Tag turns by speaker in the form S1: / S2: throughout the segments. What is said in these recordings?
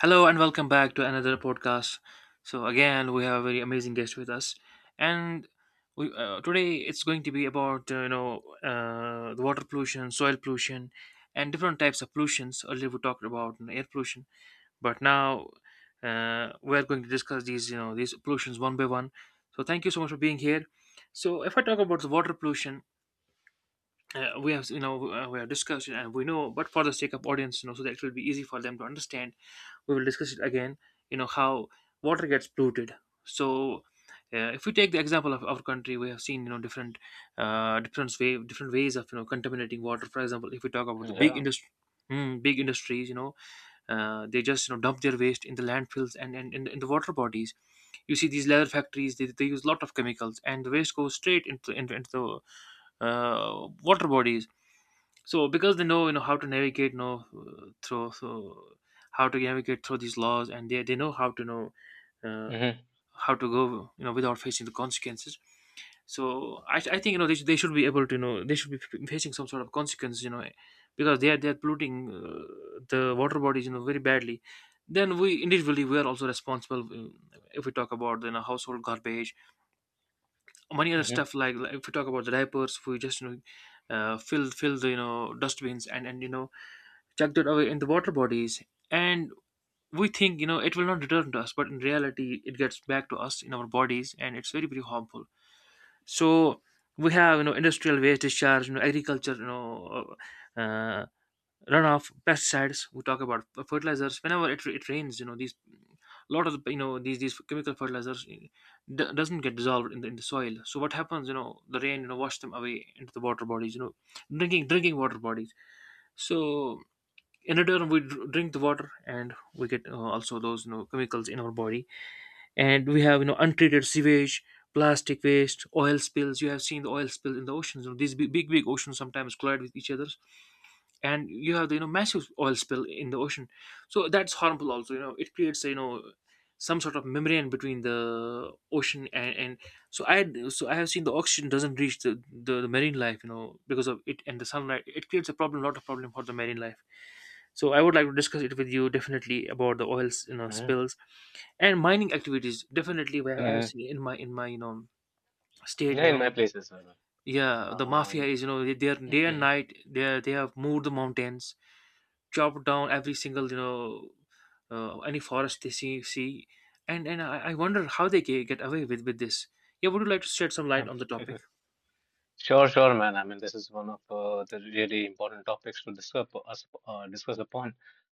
S1: Hello and welcome back to another podcast. So again, we have a very amazing guest with us, and today it's going to be about the water pollution, soil pollution, and different types of pollutions. Earlier we talked about, you know, air pollution, but now we are going to discuss these these pollutions one by one. So thank you so much for being here. So if I talk about the water pollution, we have we have discussed it and we know, but for the sake of audience, you know, so that it will be easy for them to understand we will discuss it again, you know how water gets polluted. So if we take the example of our country, we have seen, you know, different different way different ways of, you know, contaminating water. For example, if we talk about the big
S2: Yeah.
S1: industry. Mm, big industries, you know, they just, you know, dump their waste in the landfills and in the water bodies. You see these leather factories; they use a lot of chemicals, and the waste goes straight into the water bodies. So because they know, you know, how to navigate, you know through so how to navigate through these laws, and they know uh,
S2: Mhm.
S1: how to go, you know, without facing the consequences. So I think, you know, they should be able to, you know, they should be facing some sort of consequence, you know, because they are polluting, the water bodies, you know, very badly. Then we individually, we are also responsible. If we talk about, you know, household garbage, many other
S2: Mhm.
S1: stuff like if we talk about the diapers, we just, you know, fill the, you know, dustbins, and, you know, chucked it away in the water bodies. And we think, you know, it will not return to us, but in reality it gets back to us in our bodies and it's very, very harmful. So we have, you know, industrial waste discharge, you know, agriculture, you know, uh, uh, runoff, pesticides. We talk about fertilizers. Whenever it rains, you know, these lot of the, you know, these chemical fertilizers, doesn't get dissolved in in the soil. So what happens, you know, the rain, you know, wash them away into the water bodies, you know, drinking water bodies. So in return we drink the water and we get, also those, you know, chemicals in our body. And we have, you know, untreated sewage, plastic waste, oil spills. You have seen the oil spill in the oceans, you know, these big oceans sometimes collide with each other, and you have the, you know, massive oil spill in the ocean. So that's harmful also, you know, it creates, you know, some sort of membrane between the ocean and so I have seen the oxygen doesn't reach the marine life, you know, because of it, and the sunlight, it creates a problem, lot of problem for the marine life. So I would like to discuss it with you definitely about the oils, you know,
S2: Mhm.
S1: spills and mining activities. Definitely, where I have
S2: Mhm.
S1: seen in my, you know, state,
S2: Yeah,
S1: you
S2: in my
S1: know,
S2: place as well.
S1: yeah, the mafia
S2: Um,
S1: is, you know, they are day and
S2: mhm.
S1: night, they have moved the mountains, chop down every single, you know, any forest they see. And I wonder how they get away with this. Yeah, would you like to shed some light
S2: Um,
S1: on the topic?
S2: Sure, sure, man. I mean, this is one of the really important topics to discuss upon.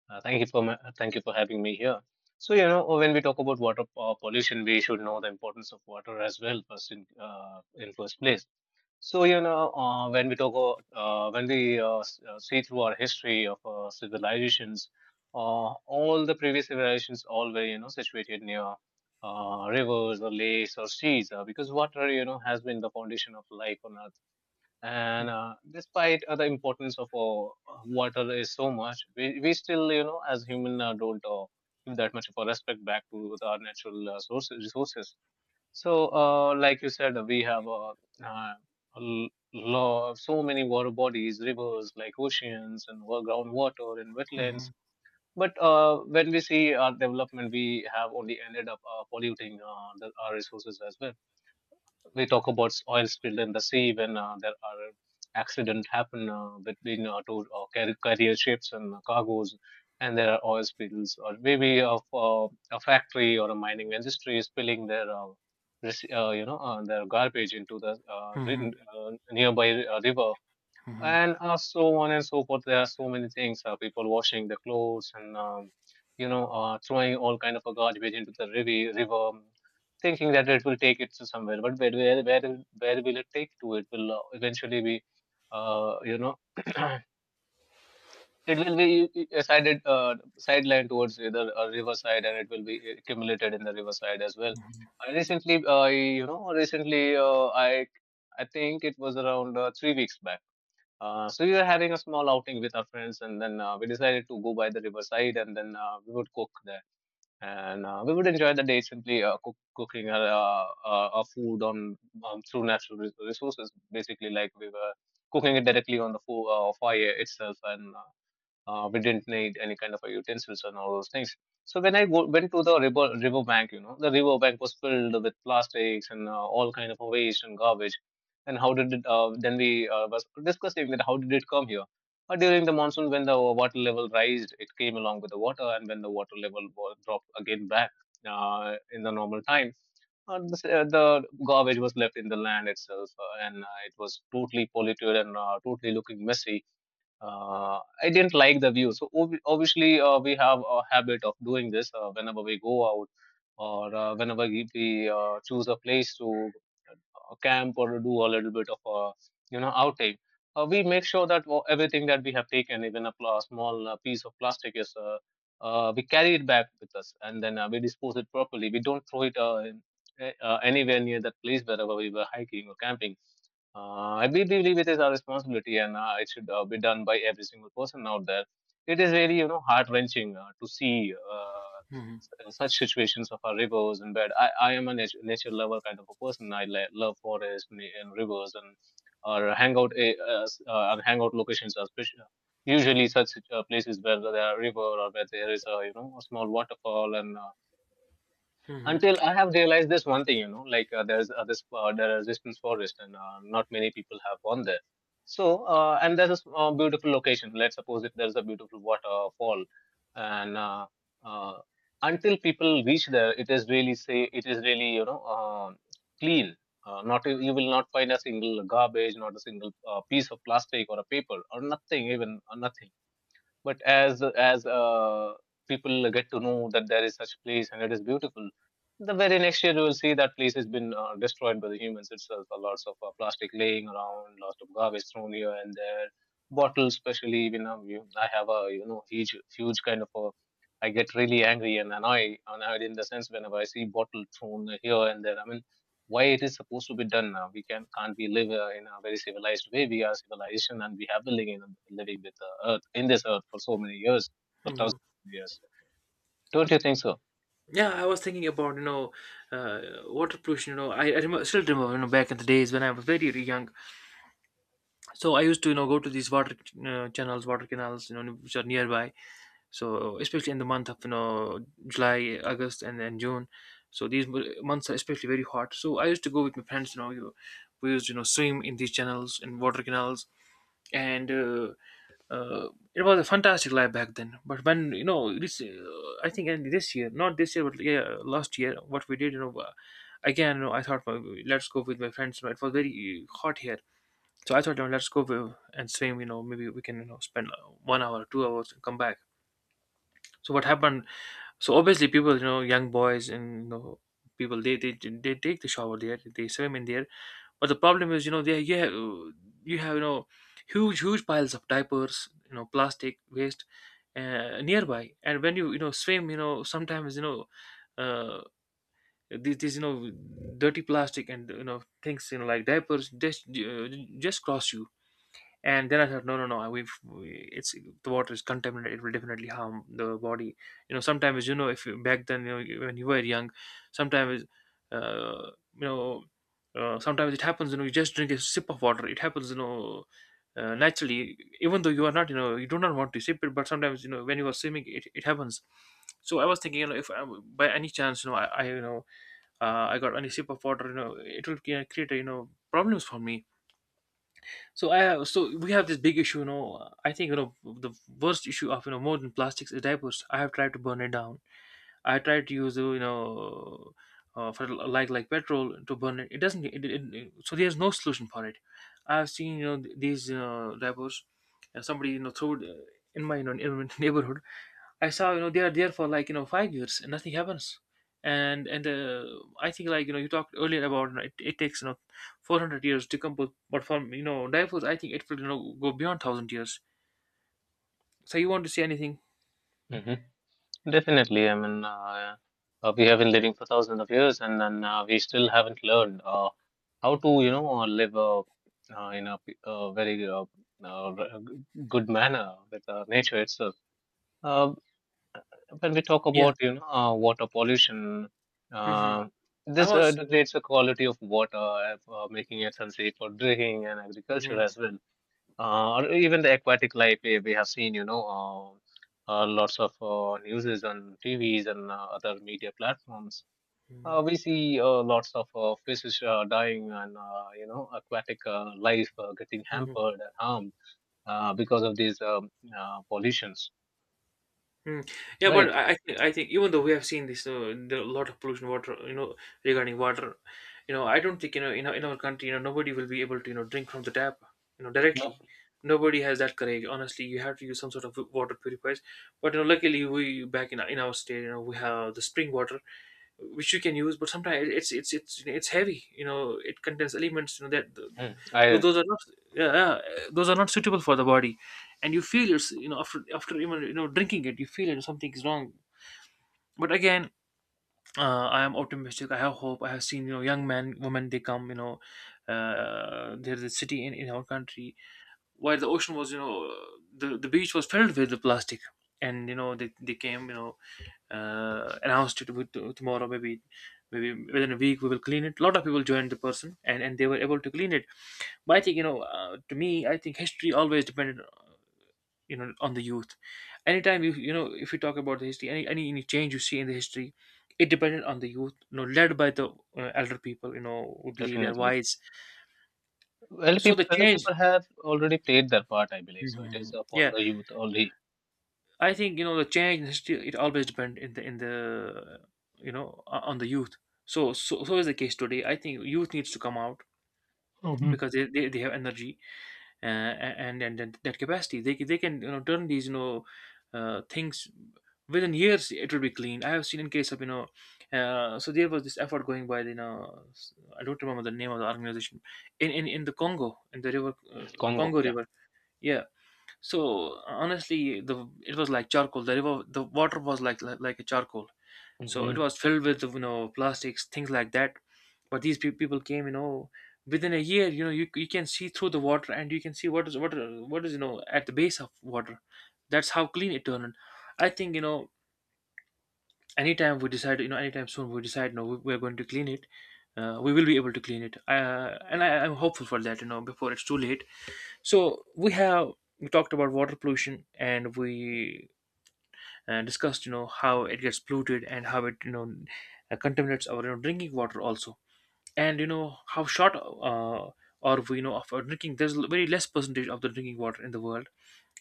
S2: Thank you for my, thank you for having me here. So, you know, when we talk about water pollution, we should know the importance of water as well first in first place. So, you know, when we when we see through our history of civilizations, all the previous civilizations all were, you know, situated near rivers or lakes or seas, because water, you know, has been the foundation of life on Earth. And despite the importance of water is so much, we still, you know, as human, don't give that much of a respect back to our natural sources, resources so, like you said, we have uh, so many water bodies, rivers, like oceans, and groundwater and wetlands.
S1: Mhm,
S2: But when we see our development, we have only ended up polluting our resources as well. We talk about oil spill in the sea when there are accident happen between two carrier ships and cargoes, and there are oil spills, or maybe of a factory or a mining industry spilling their you know their garbage into the
S1: mhm,
S2: nearby river,
S1: mhm,
S2: and so on and so forth. There are so many things. People washing their clothes and you know throwing all kind of a garbage into the river, thinking that it will take it to somewhere. But where, where will it take to? It will eventually be you know it will be sided sidelined towards either a riverside, and it will be accumulated in the riverside as well. I recently, recently I think it was around 3 weeks back. So we were having a small outing with our friends, and then we decided to go by the riverside, and then we would cook there, and we would enjoy the day simply cooking our food on through natural resources. Basically, like we were cooking it directly on the fire itself, and we didn't need any kind of a utensils and all those things. So when I went to the river bank, you know, the river bank was filled with plastics and all kind of waste and garbage. And how did it? Then we was discussing that how did it come here? During the monsoon, when the water level raised, it came along with the water, and when the water level was dropped again back in the normal time, the garbage was left in the land itself, and it was totally polluted and totally looking messy. Uh, I didn't like the view. So obviously, we have a habit of doing this whenever we go out or whenever we choose a place to camp or do a little bit of a you know outing. We make sure that everything that we have taken, even a small piece of plastic, is we carry it back with us, and then we dispose it properly. We don't throw it anywhere near that place wherever we were hiking or camping. Uh, I believe it is our responsibility, and it should be done by every single person out there. It is really, you know, heart wrenching to see
S1: mhm,
S2: such situations of our rivers and bed. I am a nature lover kind of a person. I love forests and rivers, and our our hangout locations are usually such places where there are river or where there is a you know a small waterfall, and
S1: mhm,
S2: until I have realized this one thing, you know, like there are resistance forest, and not many people have gone there. So, and there's a beautiful location. Let's suppose if there's a beautiful waterfall, and uh, until people reach there, it is really say it is really you know clean. Not you will not find a single garbage, not a single piece of plastic or a paper or nothing, even nothing, but as people get to know that there is such place and it is beautiful, the very next year you will see that place has been destroyed by the humans itself. Lots of plastic laying around, lots of garbage thrown here and there, bottles especially. You know, I have a you know huge kind of a I get really angry and annoyed, annoyed in the sense whenever I see bottle thrown here and there. I mean, why it is supposed to be done now? We can't we live in a very civilized way? We are civilization, and we have been living with the earth in this earth for so many years, for
S1: mhm.
S2: thousands of years. Don't you think so?
S1: Yeah, I was thinking about, you know, uh, water pollution, you know, I remember, still remember, you know, back in the days when I was very young. So I used to, you know, go to these water channels, water canals, you know, which are nearby. So especially in the month of, you know, July, August, and then June. So these months are especially very hot. So I used to go with my friends. You know, you, we used to, you know, swim in these channels, in water canals, and uh, it was a fantastic life back then. But when, you know, this, I think in this year, not this year, but yeah, last year, what we did, you know. Again, you know, I thought, well, let's go with my friends. You know, it was very hot here, so I thought, you know, let's go with- and swim. You know, maybe we can, you know, spend 1 hour, 2 hours, and come back. So what happened? So obviously, people, you know, young boys and, you know, people, they they take the shower there, they swim in there. But the problem is, you know, they, yeah, you have, you have, you know, huge piles of diapers, you know, plastic waste, nearby. And when you know, swim, you know, sometimes, you know. Uh, these, you know, dirty plastic and, you know, things, you know, like diapers just, just cross you. And then I thought, no, no, no, we, it's, the water is contaminated, it will definitely harm the body. You know, sometimes, you know, if you back then, you know, when you were young, sometimes, you know, sometimes it happens, you know, you just drink a sip of water, it happens, you know, naturally, even though you are not, you know, you do not want to sip it, but sometimes, you know, when you are swimming, it happens. So I was thinking, you know, if I, by any chance, you know, I, you know, I got any sip of water, you know, it will create, you know, problems for me. So so we have this big issue, you know. I think you know the worst issue of, you know, modern plastics is diapers. I have tried to burn it down. I try to use, you know, for like petrol to burn it. It doesn't. So there's no solution for it. I've seen, you know, these, you, rappers. And somebody, you know, threw it, in my, you know, in my neighborhood. I saw, you know, they are there for like, you know, 5 years and nothing happens. And I think, like, you know, you talked earlier about, you know, it takes, you know, 400 years to come, but for, you know, diapers I think it will, you know, go beyond thousand years. So you want to say anything?
S2: Hmm, definitely. I mean, we have been living for thousands of years and then we still haven't learned how to you know live uh, in a, p- a very uh, r- good manner with nature itself. Uh, when we talk
S1: Yeah.
S2: about you know water pollution,
S1: Hmm.
S2: uh,
S1: I
S2: this
S1: was.
S2: degrades the quality of water, making it unsafe for drinking and agriculture as well, or even the aquatic life. We have seen you know lots of newses on TVs and other media platforms.
S1: Hmm.
S2: We see lots of fishes dying and you know aquatic life getting hampered and harmed because of these pollutions.
S1: Mm. Yeah, but
S2: Right.
S1: I think even though we have seen this, lot of pollution water, you know, regarding water, you know, I don't think, you know, in in our country, you know, nobody will be able to, you know, drink from the tap, you know,
S2: No.
S1: directly. Nobody has that courage. Honestly, you have to use some sort of water purifiers. But you know, luckily we, back in in our state, you know, we have the spring water, which you can use, but sometimes it's heavy, you know, it contains elements, you know, that
S2: Mm, I
S1: those are not, yeah, yeah, those are not suitable for the body. And you feel it's, you know, after even, you know, drinking it, you feel, you know, something is wrong. But again, I am optimistic, I have hope. I have seen, you know, young men, women, they come, you know, there's a city in our country, where the ocean was, you know, the beach was filled with the plastic. And, you know, they came, you know, announced it with tomorrow, maybe, maybe within a week we will clean it. A lot of people joined the person and they were able to clean it. But I think, you know, to me, I think history always depended, you know, on the youth. Anytime you, you know, if you talk about the history, any change you see in the history, it depended on the youth, you know, led by the elder people, you know, who believe they're
S2: definitely.
S1: wise. So the
S2: Elder
S1: change.
S2: people have already played their part, I believe. So it is
S1: Mhm,
S2: upon
S1: yeah,
S2: the youth only.
S1: I think, you know, the change in history, it always depends in the, you know, on the youth. So so is the case today. I think youth needs to come out
S2: Hmm.
S1: because they have energy, and, and that capacity. They can- they can, you know, turn these, you know, things within years. It will be clean. I have seen in case of. So there was this effort going by I don't remember the name of the organization in the Congo, in the river,
S2: Congo,
S1: Congo
S2: yeah.
S1: River. Yeah, so honestly, the it was like charcoal. The river, the water was like a charcoal. So it
S2: Hmm.
S1: was filled with plastics, things like that. But these people came. Within a year, you can see through the water, and you can see what is at the base of water. That's how clean it turned. I think you know Anytime we decide, anytime soon we decide, no, we are going to clean it. We will be able to clean it, and I'm hopeful for that, before it's too late. So we talked about water pollution, and we discussed how it gets polluted and how it contaminates our drinking water also, and how short are we, of our drinking. Very less percentage of the drinking water in the world.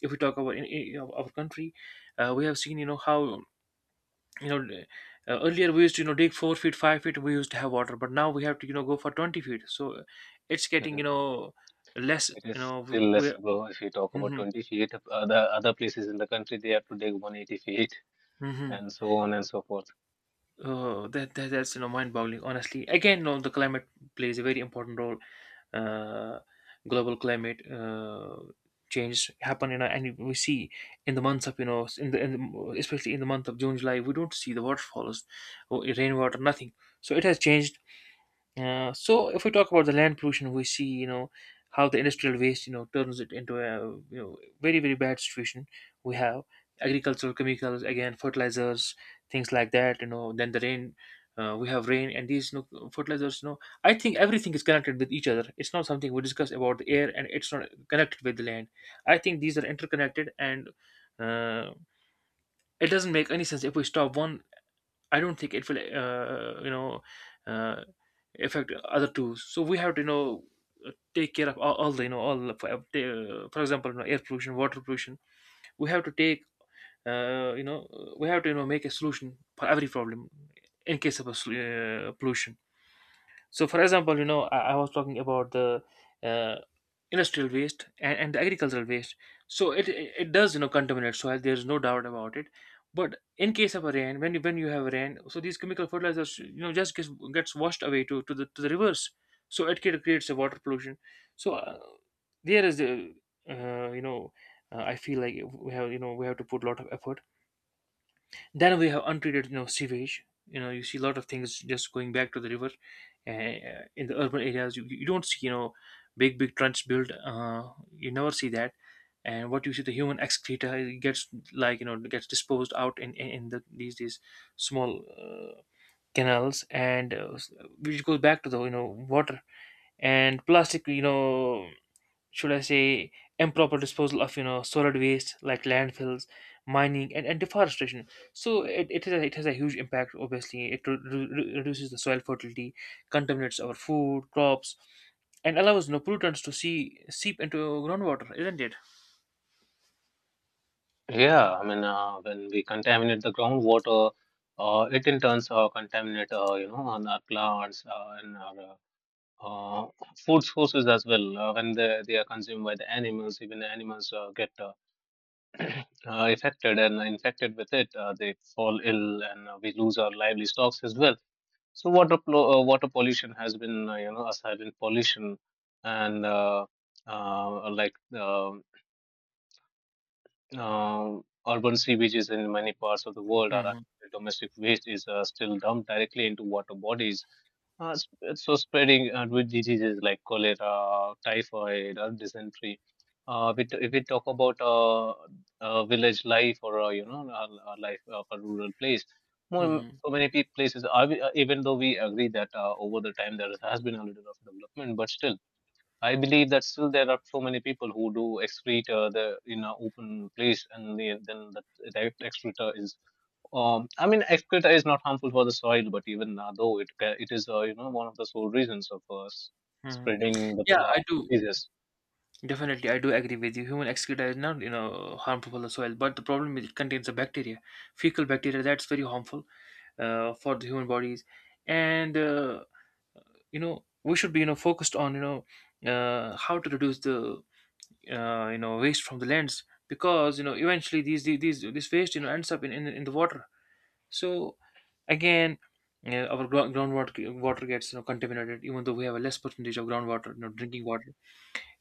S1: If we talk about in our country, we have seen, how, you know earlier we used to dig 4 feet, 5 feet, we used to have water, but now we have to go for 20 feet. So it's getting,
S2: It
S1: less you
S2: is
S1: know
S2: still
S1: We.
S2: less ago. If you talk about 20 feet, other other places in the country they have to dig 180 feet
S1: Hmm.
S2: and so on and so forth.
S1: Oh, that's mind-boggling. Honestly, again, no, the climate plays a very important role. Uh, global climate change happen, and we see in the months of, in the especially in the month of June, July, we don't see the waterfalls, or rainwater, nothing. So it has changed. So if we talk about the land pollution, we see how the industrial waste turns it into a very very bad situation. We have agricultural chemicals, again, fertilizers, things like that. Then the rain. We have rain and these, fertilizers. I think everything is connected with each other. It's not something we discuss about the air, and it's not connected with the land. I think these are interconnected, and, uh, it doesn't make any sense if we stop one. I don't think it will, uh, affect other two. So we have to, take care of all the, you know, all the- for example, air pollution, water pollution. We have to uh, you know, we have to, make a solution for every problem, in case of pollution. So, for example, I was talking about the, uh, industrial waste, and the agricultural waste. So it does contaminate soil. There is no doubt about it. But in case of a rain, when you have a rain, so these chemical fertilizers just gets washed away to the rivers. So it creates a water pollution. So there is the you know I feel like we have to put a lot of effort. Then we have untreated, sewage. You see a lot of things just going back to the river. In the urban areas, you don't see, big big trenches built. You never see that. And what you see, the human excreta, it gets, it gets disposed out in in the, these small, canals, and, which goes back to the, water. And plastic, should I say, improper disposal of, solid waste, like landfills, mining, and deforestation. So it has a huge impact. Obviously, it reduces the soil fertility, contaminates our food, crops, and allows, pollutants to seep into groundwater, isn't it?
S2: Yeah, I mean, when we contaminate the groundwater, it in turns contaminate, you know, on our plants and our uh, uh, food sources as well. When they are consumed by the animals, even the animals get uh, affected and infected with it, they fall ill, and we lose our lively stocks as well. So water pollution has been you know a silent pollution, and uh, like uh, uh, urban sewages in many parts of the world are
S1: Hmm.
S2: actually domestic waste is still dumped directly into water bodies. Uh, s- so spreading with diseases like cholera, typhoid, or dysentery. If we talk about village life or life of a rural place, more
S1: Hmm.
S2: so many places are we, even though we agree that over the time there has been a little of development, but still I believe that still there are so many people who do excrete the in an open place, and they, then the direct excreta is. I mean, excreta is not harmful for the soil, but even though it is you know one of the sole reasons of
S1: Hmm.
S2: spreading the
S1: Yeah, I do.
S2: diseases.
S1: Definitely, I do agree with you. Human excreta is not, harmful for the soil, but the problem is it contains a bacteria, fecal bacteria, that's very harmful, for the human bodies. And, we should be, focused on, how to reduce the, waste from the lands, because, eventually these this waste, ends up in in the water. So again, our, groundwater water gets, contaminated, even though we have a less percentage of groundwater, drinking water.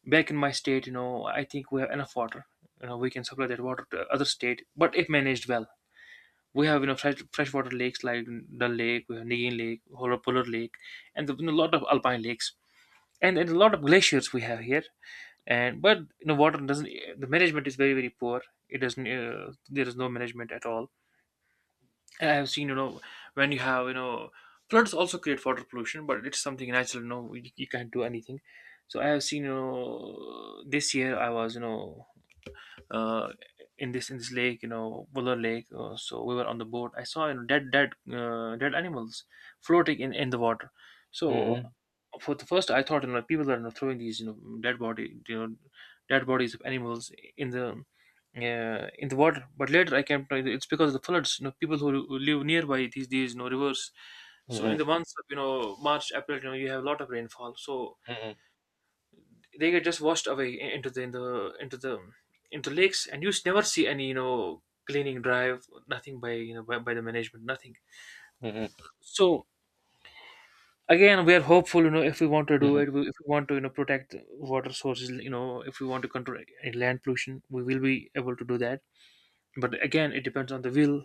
S1: Back in my state, I think we have enough water, we can supply that water to other state, but if managed well, we have, freshwater lakes like Dal Lake, we have Nigin Lake, Hora Polar Lake, and a lot of alpine lakes, and a lot of glaciers we have here. And but, water doesn't. The management is very very poor. It doesn't, there is no management at all. And I have seen, when you have, floods also create water pollution, but it's something natural, you can't do anything. So I have seen, this year I was, uh, in this lake, Buller Lake. So we were on the boat. I saw, dead animals floating in the water. So
S2: Mm-hmm.
S1: for the first, I thought, people are, throwing these, dead body you know dead bodies of animals in the, in the water. But later I came to know it's because of the floods. People who live nearby these rivers. So
S2: Mm-hmm.
S1: in the months of, March, April, you have a lot of rainfall. So
S2: Mm-hmm.
S1: they get just washed away, into the in the into lakes, and you never see any, cleaning drive, nothing, by you know by the management. Nothing. So again, we are hopeful, if we want to do
S2: Mm-hmm.
S1: it. If we want to, protect water sources, if we want to control any land pollution, we will be able to do that. But again, it depends on the will.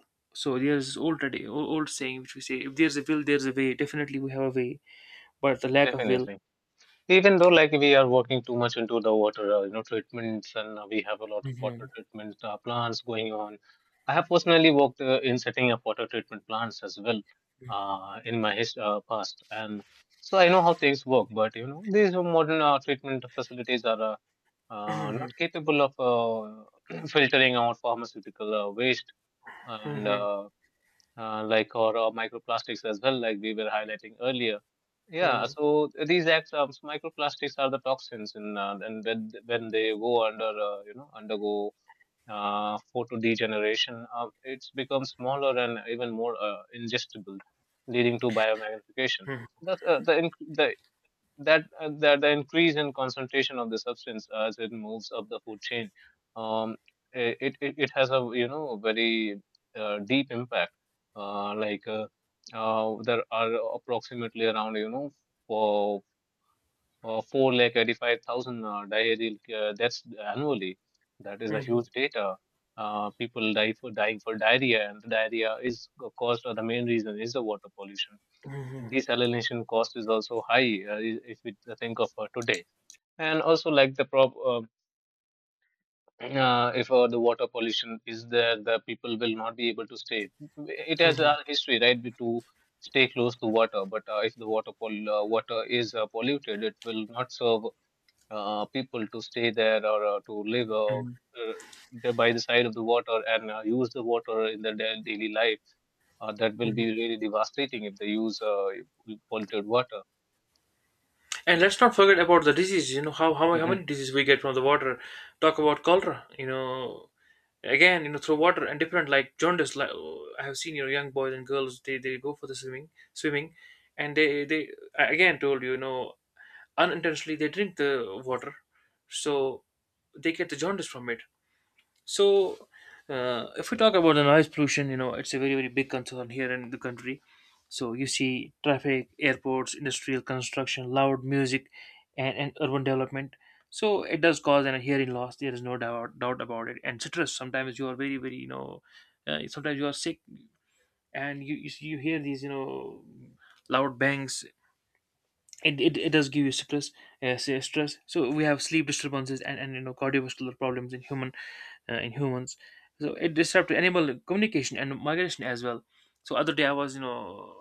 S1: So there's already, old saying which we say, if there's a will there's a way. Definitely we have a way, but the lack of will.
S2: Definitely. Even though like we are working too much into the water, you know, treatments, and we have a lot of water
S1: Mhm.
S2: treatment plants going on. I have personally worked in setting up water treatment plants as well in my his past, and so I know how things work. But you know, these modern treatment facilities are not capable of filtering out pharmaceutical waste and
S1: Mhm.
S2: like or microplastics as well, like we were highlighting earlier. Yeah,
S1: Mhm.
S2: so these acts of microplastics are the toxins, and when they go under, you know, undergo photo degeneration, it becomes smaller and even more ingestible, leading to biomagnification.
S1: Mhm.
S2: That's, the increase in concentration of the substance as it moves up the food chain. Um i- it it, it has a very deep impact. Like, there are approximately around four 485,000 diarrheal deaths annually. That is a
S1: Mhm.
S2: huge data. People die for dying for diarrhea, and diarrhea is caused, or the main reason is the water pollution.
S1: Mhm.
S2: Desalination cost is also high. If we think of today. And also, like, the prop if the water pollution is there, the people will not be able to stay. It has a
S1: Mhm.
S2: history, right? To stay close to water. But if the water is polluted, it will not serve people to stay there, or to live,
S1: Mhm.
S2: there by the side of the water, and use the water in their daily life. That will be
S1: Mhm.
S2: really devastating if they use polluted water.
S1: And let's not forget about the disease. You know how
S2: Mm-hmm.
S1: many diseases we get from the water. Talk about cholera. Again, through water, and different, like jaundice. Like I have seen, young boys and girls, they go for the swimming, and they I again told you, you know unintentionally they drink the water, so they get the jaundice from it. So, if we talk about the noise pollution, it's a very, very big concern here in the country. So, you see traffic, airports, industrial construction, loud music, and urban development. So, it does cause an hearing loss. There is no doubt about it. And stress, sometimes you are very, very, sometimes you are sick, and you hear these, loud bangs. It does give you stress, say stress. So we have sleep disturbances, and cardiovascular problems in human in humans. So it disrupts animal communication and migration as well. So other day I was you know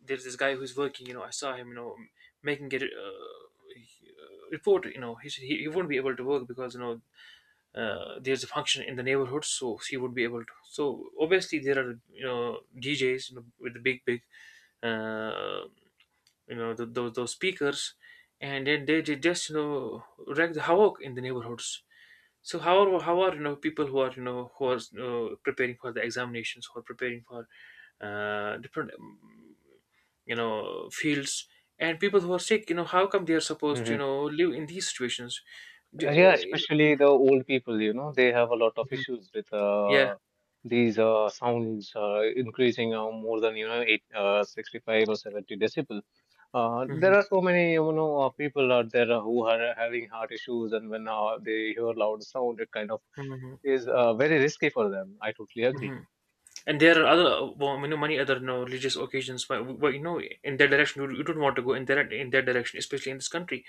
S1: there's this guy who's working, I saw him, making a, report, he said he won't be able to work because, there's a function in the neighborhood, so he would be able to, so obviously there are, you know DJs, with the big big, uh, th those speakers. And then they just, wreck the havoc in the neighborhoods. So how are, people who are, who are, preparing for the examinations, who are preparing for, different, fields, and people who are sick, how come they are supposed to,
S2: Hmm.
S1: live in these situations. D- uh,
S2: Yeah,
S1: you know,
S2: especially the old people, you know, they have a lot of
S1: Mhm.
S2: issues with
S1: Yeah.
S2: these sounds increasing more than, you know, 65 or 70 decibel. There
S1: Mhm.
S2: are so many, you know, people out there who are having heart issues, and when they hear loud sound, it kind of
S1: Mhm.
S2: is very risky for them. I totally agree.
S1: Mhm. And there are other, well, many other, religious occasions, but in that direction, you don't want to go in that direction, especially in this country.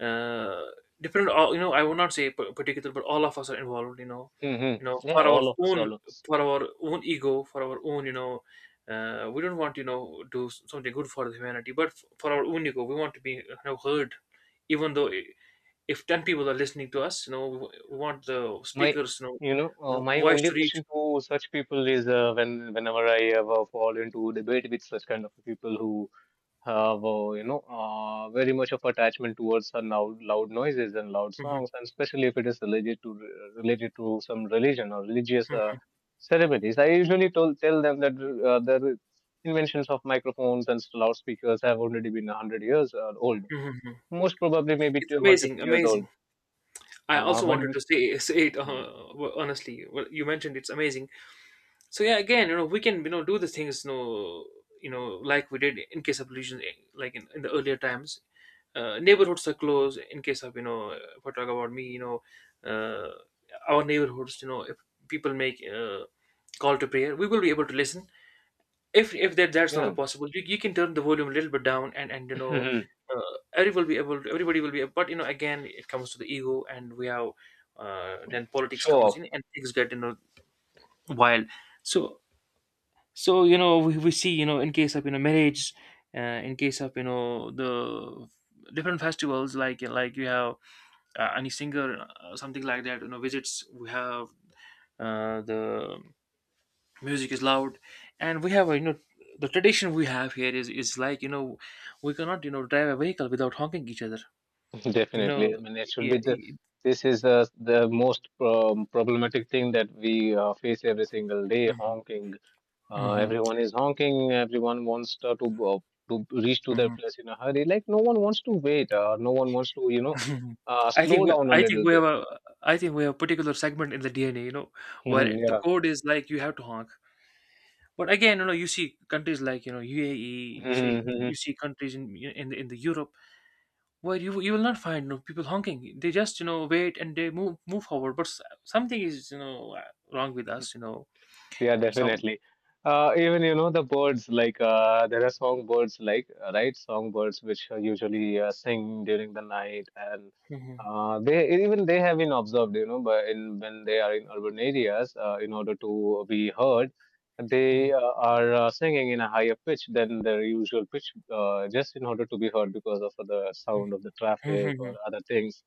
S1: uh, Different, all, you know, I would not say particular, but all of us are involved, you know.
S2: Hmm.
S1: You know,
S2: Yeah,
S1: for our
S2: all of us,
S1: own,
S2: all of us.
S1: for our own ego, for our own, you know, we don't want, you know, do something good for the humanity, but for our own ego we want to be, you know, heard. Even though if 10 people are listening to us, you know, we want the
S2: My,
S1: speakers, you know,
S2: you know, uh, my
S1: voice
S2: only
S1: to reach.
S2: question to such people is whenever I ever fall into debate with such kind of people who have, very much of attachment towards loud, loud noises and loud
S1: Hmm.
S2: songs, and especially if it is related to some religion or religious
S1: Hmm.
S2: ceremonies. I usually tell them that the inventions of microphones and loudspeakers have already been 100 years old,
S1: Hmm.
S2: most probably maybe
S1: It's
S2: one hundred
S1: amazing,
S2: fifty years old.
S1: amazing. I also
S2: But
S1: wanted
S2: we.
S1: to say say it,
S2: Hmm.
S1: honestly, well, you mentioned it's amazing. So yeah, again, you know, we can, you know, do the things, you know, you know, like we did in case of pollution, eh, like in the earlier times. Neighborhoods are closed in case of, you know, if I talk about me, you know, uh, our neighborhoods, you know, if people make call to prayer, we will be able to listen. If that's
S2: Yeah.
S1: not possible, you can turn the volume a little bit down, and, you know, everybody will be able to, everybody will be able, but you know, again it comes to the ego, and we have, then politics
S2: Show
S1: comes
S2: off.
S1: in, and things get, you know, wild. So so, you know, we see, you know, in case of, you know, marriage, in case of, you know, the different festivals, like you have, any singer, something like that, you know, visits, we have, the music is loud, and we have, you know, the tradition we have here is like, you know, we cannot, you know, drive a vehicle without honking each other, you know.
S2: Definitely. I mean, it should
S1: Yeah.
S2: be the this is the most problematic thing that we face every single day. Honking,
S1: Hmm.
S2: everyone is honking. Everyone wants to reach to their
S1: Hmm.
S2: place in a hurry. Like, no one wants to wait. No one wants to
S1: Mhm.
S2: slow down a
S1: I think
S2: little
S1: we have
S2: bit.
S1: a, I think we have a particular segment in the DNA, you know, where the code is like you have to honk. But again, you know, you see countries like, you know, UAE,
S2: Yeah.
S1: you see countries in in the Europe, where you will not find, you know, people honking. They just, you know, wait and they move forward. But something is, you know, wrong with us, you know.
S2: Yeah,
S1: Some
S2: definitely. Even, you know, the birds, like, there are songbirds, like, right, songbirds which usually sing during the night, and they, even they have been observed, but in when they are in urban areas, in order to be heard, they are singing in a higher pitch than their usual pitch, just in order to be heard because of the sound of the traffic or other things.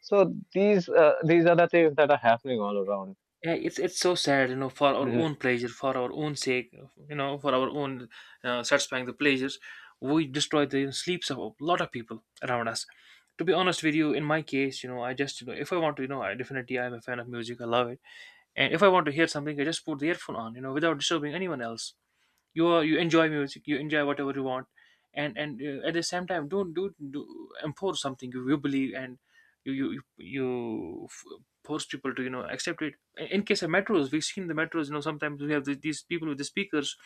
S2: So these are the things that are happening all around.
S1: yeah, it's so sad, you know, for our
S2: Mm-hmm.
S1: own pleasure, for our own sake, you know, for our own, satisfying the pleasures, we destroy the sleeps of a lot of people around us. To be honest with you, in my case, you know, I just, you know, if I want to, you know, I definitely, I'm a fan of music, I love it, and if I want to hear something, I just put the earphone on, you know, without disturbing anyone else. You are, you enjoy music, you enjoy whatever you want, and, at the same time, don't do, do enforce something you believe, and you you you, you force people to, you know, accept it. In case of metros, we've seen the metros, you know, sometimes we have the, these people with the speakers,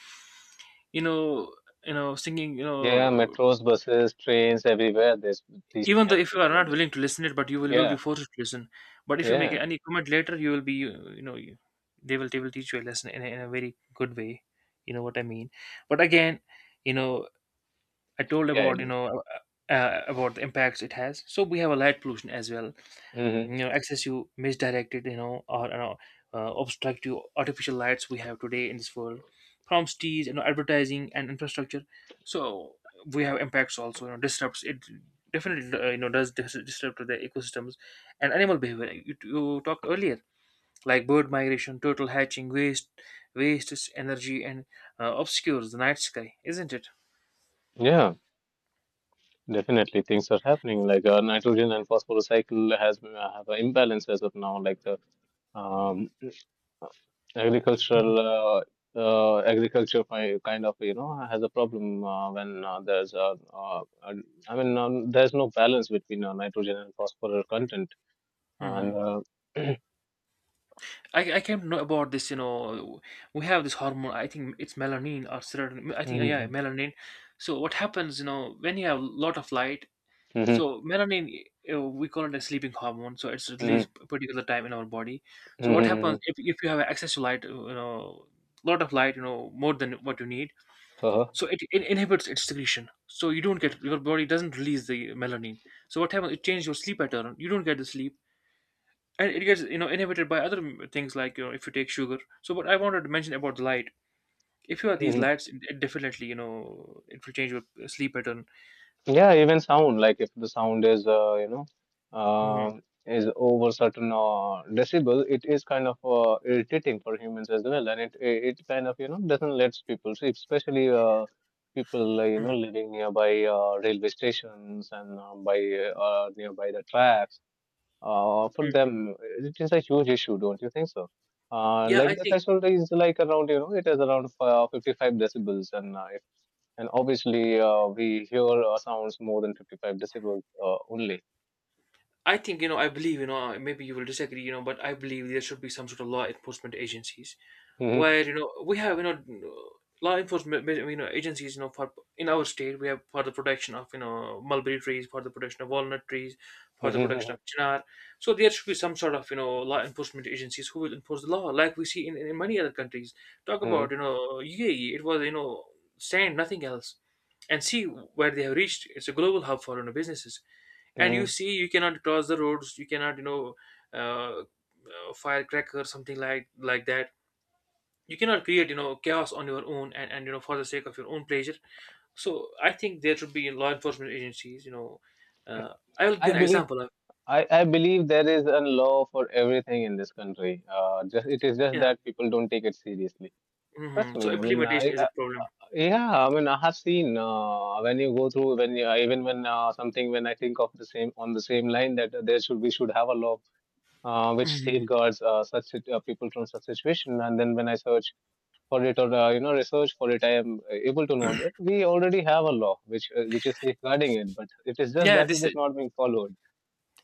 S1: you know, you know, singing, you
S2: Yeah,
S1: know,
S2: metros, buses, trains, everywhere. There's these
S1: even though
S2: kind of
S1: if you are
S2: people are
S1: not
S2: there.
S1: willing to listen it, but you will be
S2: Yeah,
S1: forced to listen. But if you make
S2: yeah,
S1: any comment later, you will be you know, they will, they will teach you a lesson in a very good way, you know what I mean. But again, you know, I told
S2: yeah, I
S1: about, you
S2: do.
S1: know, about the impacts it has. So we have a light pollution as well.
S2: Hmm.
S1: You know, excessive, misdirected, you know, or you know, obstructive artificial lights we have today in this world, from cities, you know, advertising and infrastructure. So we have impacts also. You know, disrupts it. Definitely, you know, does disrupt the ecosystems and animal behavior. You talked earlier, like bird migration, turtle hatching, waste, wastes energy, and, obscures the night sky, isn't it?
S2: Yeah, definitely things are happening. Like, nitrogen and phosphorus cycle has have an imbalance as of now. Like, the um, agricultural agriculture kind of has a problem when I mean, there's no balance between nitrogen and phosphorus content and.
S1: Hmm. I came to know about this, you know, we have this hormone, I think it's melanin or serotonin, I think, yeah,
S2: Mhm,
S1: melanin. So what happens, you know, when you have a lot of light,
S2: mhm,
S1: so melanin, we call it a sleeping hormone, so it's
S2: mhm,
S1: released a particular time in our body.
S2: mhm,
S1: So what
S2: mhm,
S1: happens,
S2: mhm.
S1: if you have access to light, you know, lot of light, you know, more than what you need,
S2: Uh-huh.
S1: so it inhibits its secretion. So you don't get, your body doesn't release the melanin. So what happens, it changes your sleep pattern, you don't get the sleep, and it gets, you know, inhibited by other things, like, you know, if you take sugar. So but I wanted to mention about the light, if you have these
S2: Mm-hmm.
S1: lights, it definitely, you know, it will change your sleep pattern.
S2: Yeah, even sound, like, if the sound uh,
S1: Mhm.
S2: is over certain decibel, it is kind of irritating for humans as well, and it kind of doesn't let people sleep, especially people
S1: Mhm.
S2: living nearby railway stations, and by nearby the tracks. For
S1: Mhm.
S2: them, it is a huge issue, don't you think so?
S1: Yeah,
S2: Like,
S1: I
S2: the
S1: think,
S2: threshold is like around, you know, it is around 55 decibels, and obviously we hear sounds more than 55 decibels only.
S1: I think, you know, I believe, you know, maybe you will disagree, you know, but I believe there should be some sort of law enforcement agencies,
S2: Mhm,
S1: where, you know, we have, you know, law enforcement you know, agencies, you know, for, in our state we have, for the protection of, you know, mulberry trees, for the protection of walnut trees, for the protection
S2: mhm,
S1: of chinar. So there should be some sort of, you know, law enforcement agencies who will enforce the law, like we see in many other countries. Talk
S2: mhm,
S1: about, you know, UAE, it was, you know, sand, nothing else, and see where they have reached. It's a global hub for, you know, businesses. And you
S2: mhm.
S1: see, you cannot cross the roads, you cannot, you know, uh, firecracker, something like that, you cannot create, you know, chaos on your own, and, you know, for the sake of your own pleasure. So I think there should be law enforcement agencies, you know, uh, I will
S2: I
S1: give an
S2: believe
S1: example of.
S2: I believe there is a law for everything in this country. Just It is just
S1: Yeah.
S2: that people don't take it seriously.
S1: Hmm.
S2: Trust
S1: So
S2: me. I mean,
S1: implementation is a problem.
S2: uh, yeah. I mean, I have seen when you go through when you, even when something, when I think of the same on the same line that there should we should have a law which
S1: Mhm.
S2: safeguards such people from such situation. And then when I search for it, or research for it, I am able to know that we already have a law which is safeguarding it, but it is just
S1: Yeah,
S2: that it
S1: this is,
S2: is not being followed.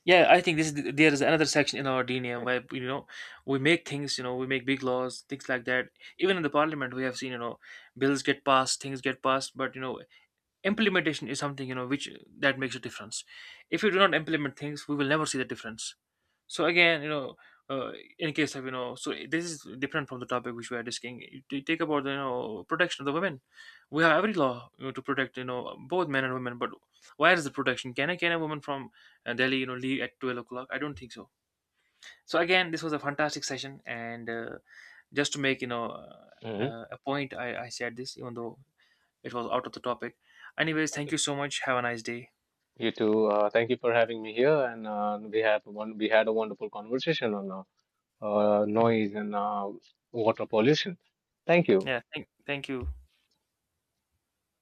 S1: yeah, I think this is, there is another section in our DNA, where, you know, we make things, you know, we make big laws, things like that. Even in the parliament, we have seen, you know, bills get passed, things get passed, but you know, implementation is something, you know, which, that makes a difference. If you do not implement things, we will never see the difference. So again, you know, uh, in case of, you know, so this is different from the topic which we are discussing. You take about the, you know, protection of the women. We have every law, you know, to protect, you know, both men and women, but where is the protection? Can I, can a woman from, Delhi, you know, leave at 12 o'clock? I don't think so. So again, this was a fantastic session, and, just to make, you know,
S2: Hmm.
S1: a point, I said this, even though it was out of the topic. Anyways, thank you so much. Have a nice day.
S2: You too. Thank you for having me here, and we have one we had a wonderful conversation on
S1: Mhm.
S2: noise and water pollution. Thank you.
S1: Yeah, thank you.